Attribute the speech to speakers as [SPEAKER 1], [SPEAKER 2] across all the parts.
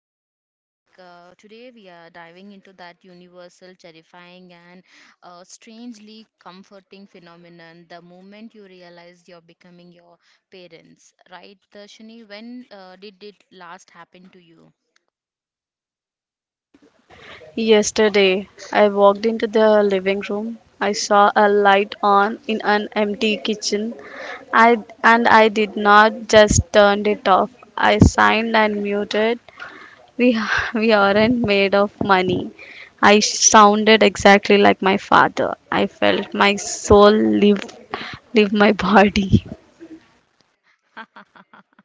[SPEAKER 1] yeah, like today we are diving into that universal, terrifying, and strangely comforting phenomenon the moment you realize you're becoming your parents, right, Darshini? When did it last happen to you?
[SPEAKER 2] Yesterday, I walked into the living room. I saw a light on in an empty kitchen. I and I did not just turned it off. I signed and muted we, we aren't made of money. I sounded exactly like my father. I felt my soul leave leave my body.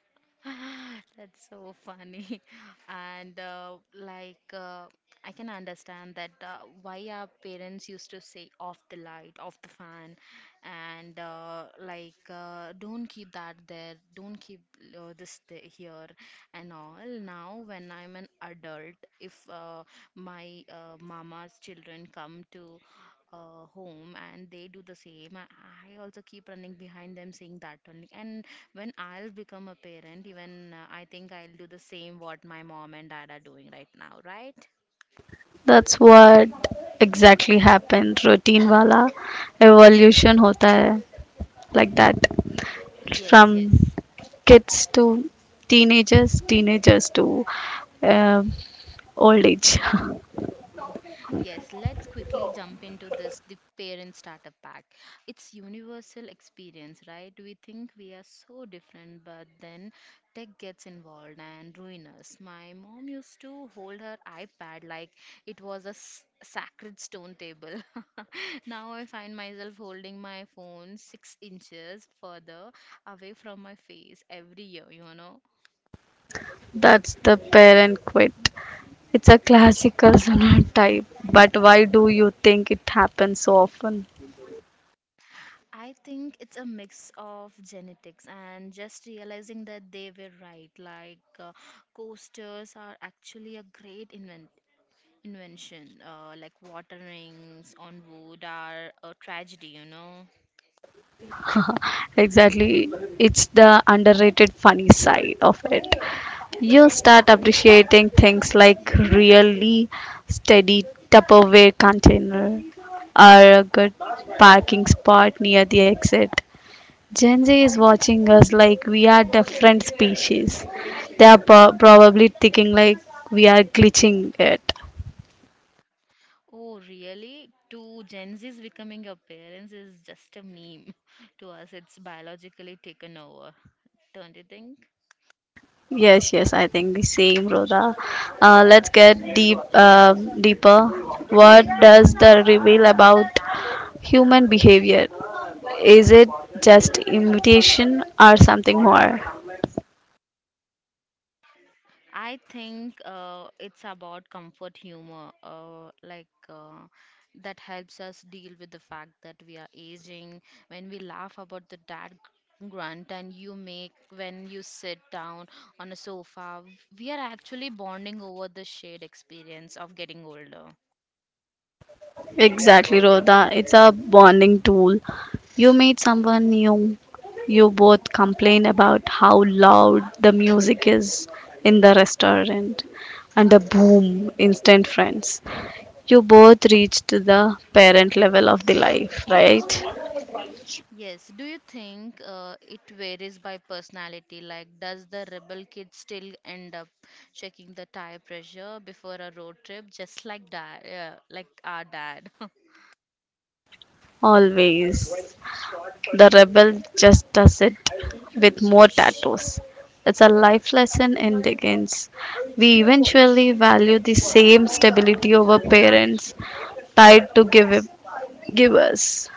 [SPEAKER 1] That's so funny. And I can understand that why our parents used to say off the light, off the fan, and don't keep that there, don't keep here, and all. Now, when I'm an adult, if my mama's children come to home and they do the same, I also keep running behind them saying that only. And when I'll become a parent, even I think I'll do the same what my mom and dad are doing right now, right?
[SPEAKER 2] That's what exactly happened. Routine wala evolution होता है like that from
[SPEAKER 1] Yes, yes.
[SPEAKER 2] kids to teenagers, teenagers to uh, old age.
[SPEAKER 1] Yes, let's quickly jump into this the parent startup pack. It's universal experience, right? We think we are so different, but then tech gets involved and ruin us. My mom used to hold her iPad like it was a sacred stone table. Now I find myself holding my phone 6 inches further away from my face every year.
[SPEAKER 2] That's the parent quit. It's a classical type, but why do you think it happens so often?
[SPEAKER 1] I think it's a mix of genetics and just realizing that they were right. Like coasters are actually a great invention. Like water rings on wood are a tragedy.
[SPEAKER 2] Exactly. It's the underrated funny side of it. You start appreciating things like really steady Tupperware container or a good parking spot near the exit. Gen Z is watching us like we are different species. They are probably thinking like we are glitching it.
[SPEAKER 1] Oh, really? Two Gen Zs becoming a parents is just a meme. To us, it's biologically taken over. Don't you think?
[SPEAKER 2] Yes, yes, I think the same, Rhoda. Let's get deep, deeper. What does the reveal about human behavior? Is it just imitation or something more?
[SPEAKER 1] I think it's about comfort humor, that helps us deal with the fact that we are aging. When we laugh about the dad grunt and you make when you sit down on a sofa, we are actually bonding over the shared experience of getting older.
[SPEAKER 2] Exactly, Rhoda. It's a bonding tool. You meet someone new. You both complain about how loud the music is in the restaurant, and a boom, instant friends. You both reached the parent level of the life, right?
[SPEAKER 1] Yes. Do you think it varies by personality? Like, does the rebel kid still end up checking the tire pressure before a road trip, just like dad, like our dad?
[SPEAKER 2] Always. The rebel just does it with more tattoos. It's a life lesson in Dickens. We eventually value the same stability over parents tied to give, give us.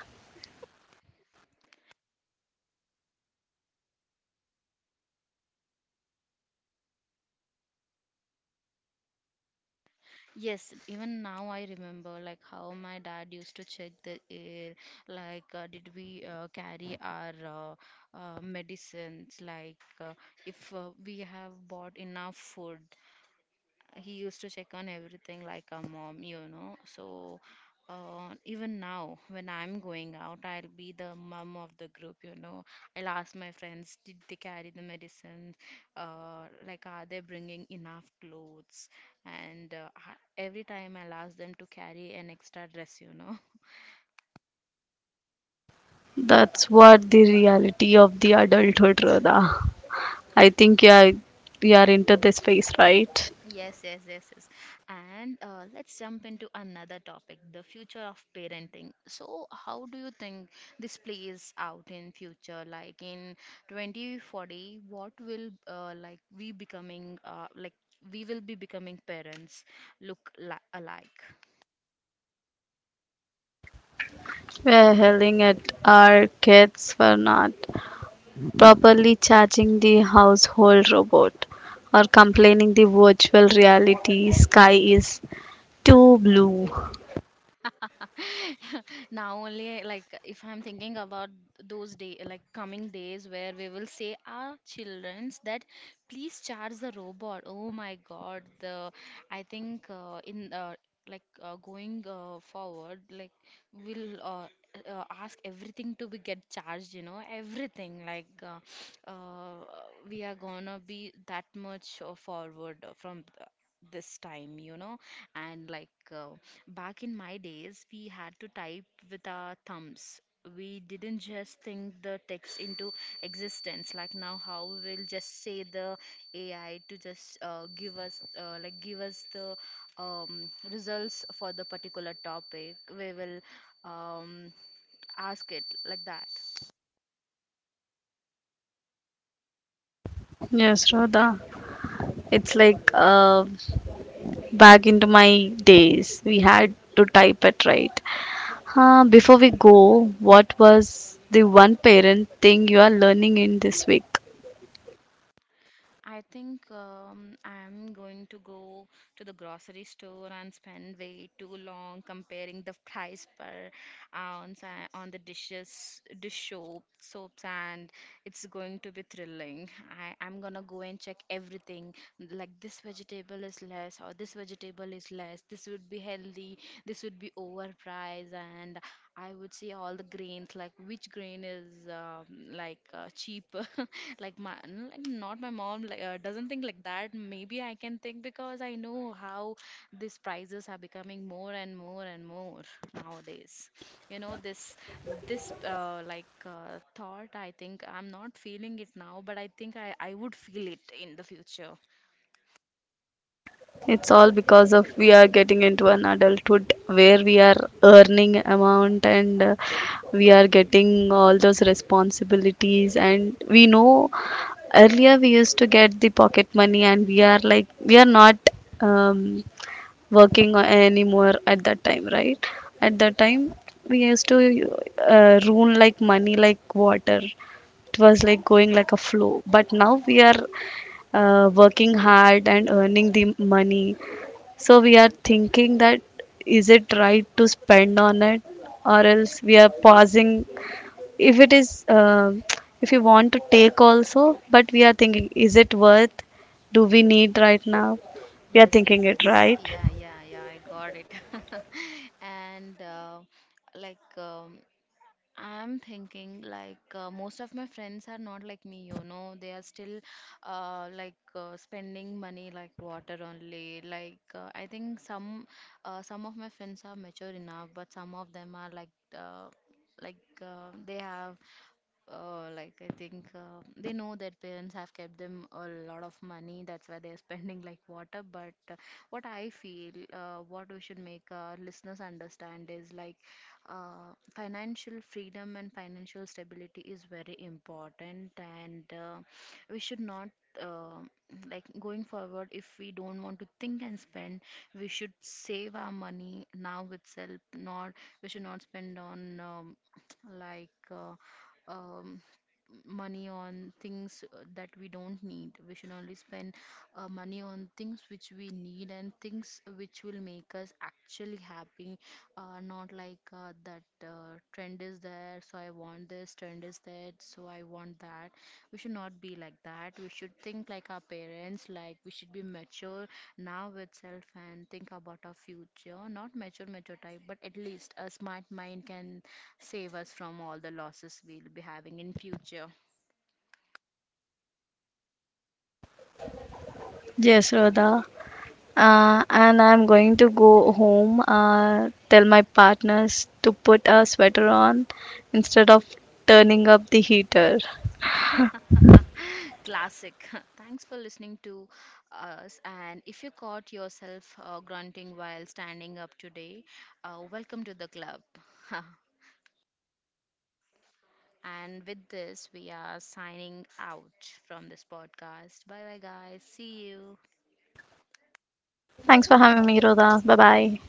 [SPEAKER 1] Yes, even now I remember like how my dad used to check the air, like did we carry our medicines, like if we have bought enough food, he used to check on everything like a mom, you know. So even now, when I'm going out, I'll be the mom of the group, you know. I'll ask my friends, did they carry the medicine? Like, are they bringing enough clothes? And every time I'll ask them to carry an extra dress, you know.
[SPEAKER 2] That's what the reality of the adulthood, Rhoda. I think you are into this phase, right?
[SPEAKER 1] Yes, yes, yes, yes. And let's jump into another topic, the future of parenting. So, how do you think this plays out in future? Like in 2040, what will like we becoming like we will be becoming parents look li alike?
[SPEAKER 2] We're yelling at our kids for not properly charging the household robot or complaining the virtual reality sky is too blue.
[SPEAKER 1] Now only like if I'm thinking about those day like coming days where we will say our childrens that please charge the robot. Oh my God, the I think in like going forward like we'll ask everything to be get charged. You know everything like uh, we are gonna be that much forward from. This time you know and like back in my days, we had to type with our thumbs. We didn't just think the text into existence like now how we'll just say the AI to just give us give us the results for the particular topic. We will um, ask it like that.
[SPEAKER 2] Yes, Radha. It's like back into my days. We had to type it right. Before we go, what was the one parent thing you are learning in this week?
[SPEAKER 1] I think I'm going to go to the grocery store and spend way too long comparing the price per ounce on the dishes, dish soap, soaps, and it's going to be thrilling. I'm gonna go and check everything like this vegetable is less, or this vegetable is less, this would be healthy, this would be overpriced, and I would see all the grains like which grain is cheap like like not my mom like doesn't think like that maybe I can think because I know how these prices are becoming more and more and more nowadays you know this thought I think I'm not feeling it now but I think I would feel it in the future.
[SPEAKER 2] It's all because of we are getting into an adulthood where we are earning amount and we are getting all those responsibilities, and we know earlier we used to get the pocket money, and we are like we are not um, working anymore at that time, right? At that time we used to rule like money like water. It was like going like a flow, but now we are working hard and earning the money. So we are thinking that is it right to spend on it, or else we are pausing. If it is, if you want to take also, but we are thinking, is it worth? Do we need right now? We are
[SPEAKER 1] Yes,
[SPEAKER 2] thinking
[SPEAKER 1] yes,
[SPEAKER 2] it
[SPEAKER 1] yes.
[SPEAKER 2] right.
[SPEAKER 1] Yeah, yeah, yeah, I got it. And like I'm thinking like most of my friends are not like me, you know. They are still spending money like water only. Like I think some of my friends are mature enough, but some of them are like uh, they have I think they know their parents have kept them a lot of money. That's why they're spending like water. But what I feel, what we should make our listeners understand is like financial freedom and financial stability is very important, and we should not. Uh, like going forward, if we don't want to think and spend, we should save our money now itself. Not we should not spend on like uh, um, money on things that we don't need. We should only spend money on things which we need and things which will make us actually happy. Not like that trend is there, so I want this, trend is there, so I want that. We should not be like that. We should think like our parents, like we should be mature now itself and think about our future. Not mature, mature type, but at least a smart mind can save us from all the losses we'll be having in future.
[SPEAKER 2] Yes, Rhoda. And I'm going to go home, tell my partners to put a sweater on instead of turning up the heater.
[SPEAKER 1] Classic. Thanks for listening to us, and if you caught yourself grunting while standing up today, welcome to the club. And with this we are signing out from this podcast. Bye bye, guys, see you.
[SPEAKER 2] Thanks for having me, Rhoda. Bye bye.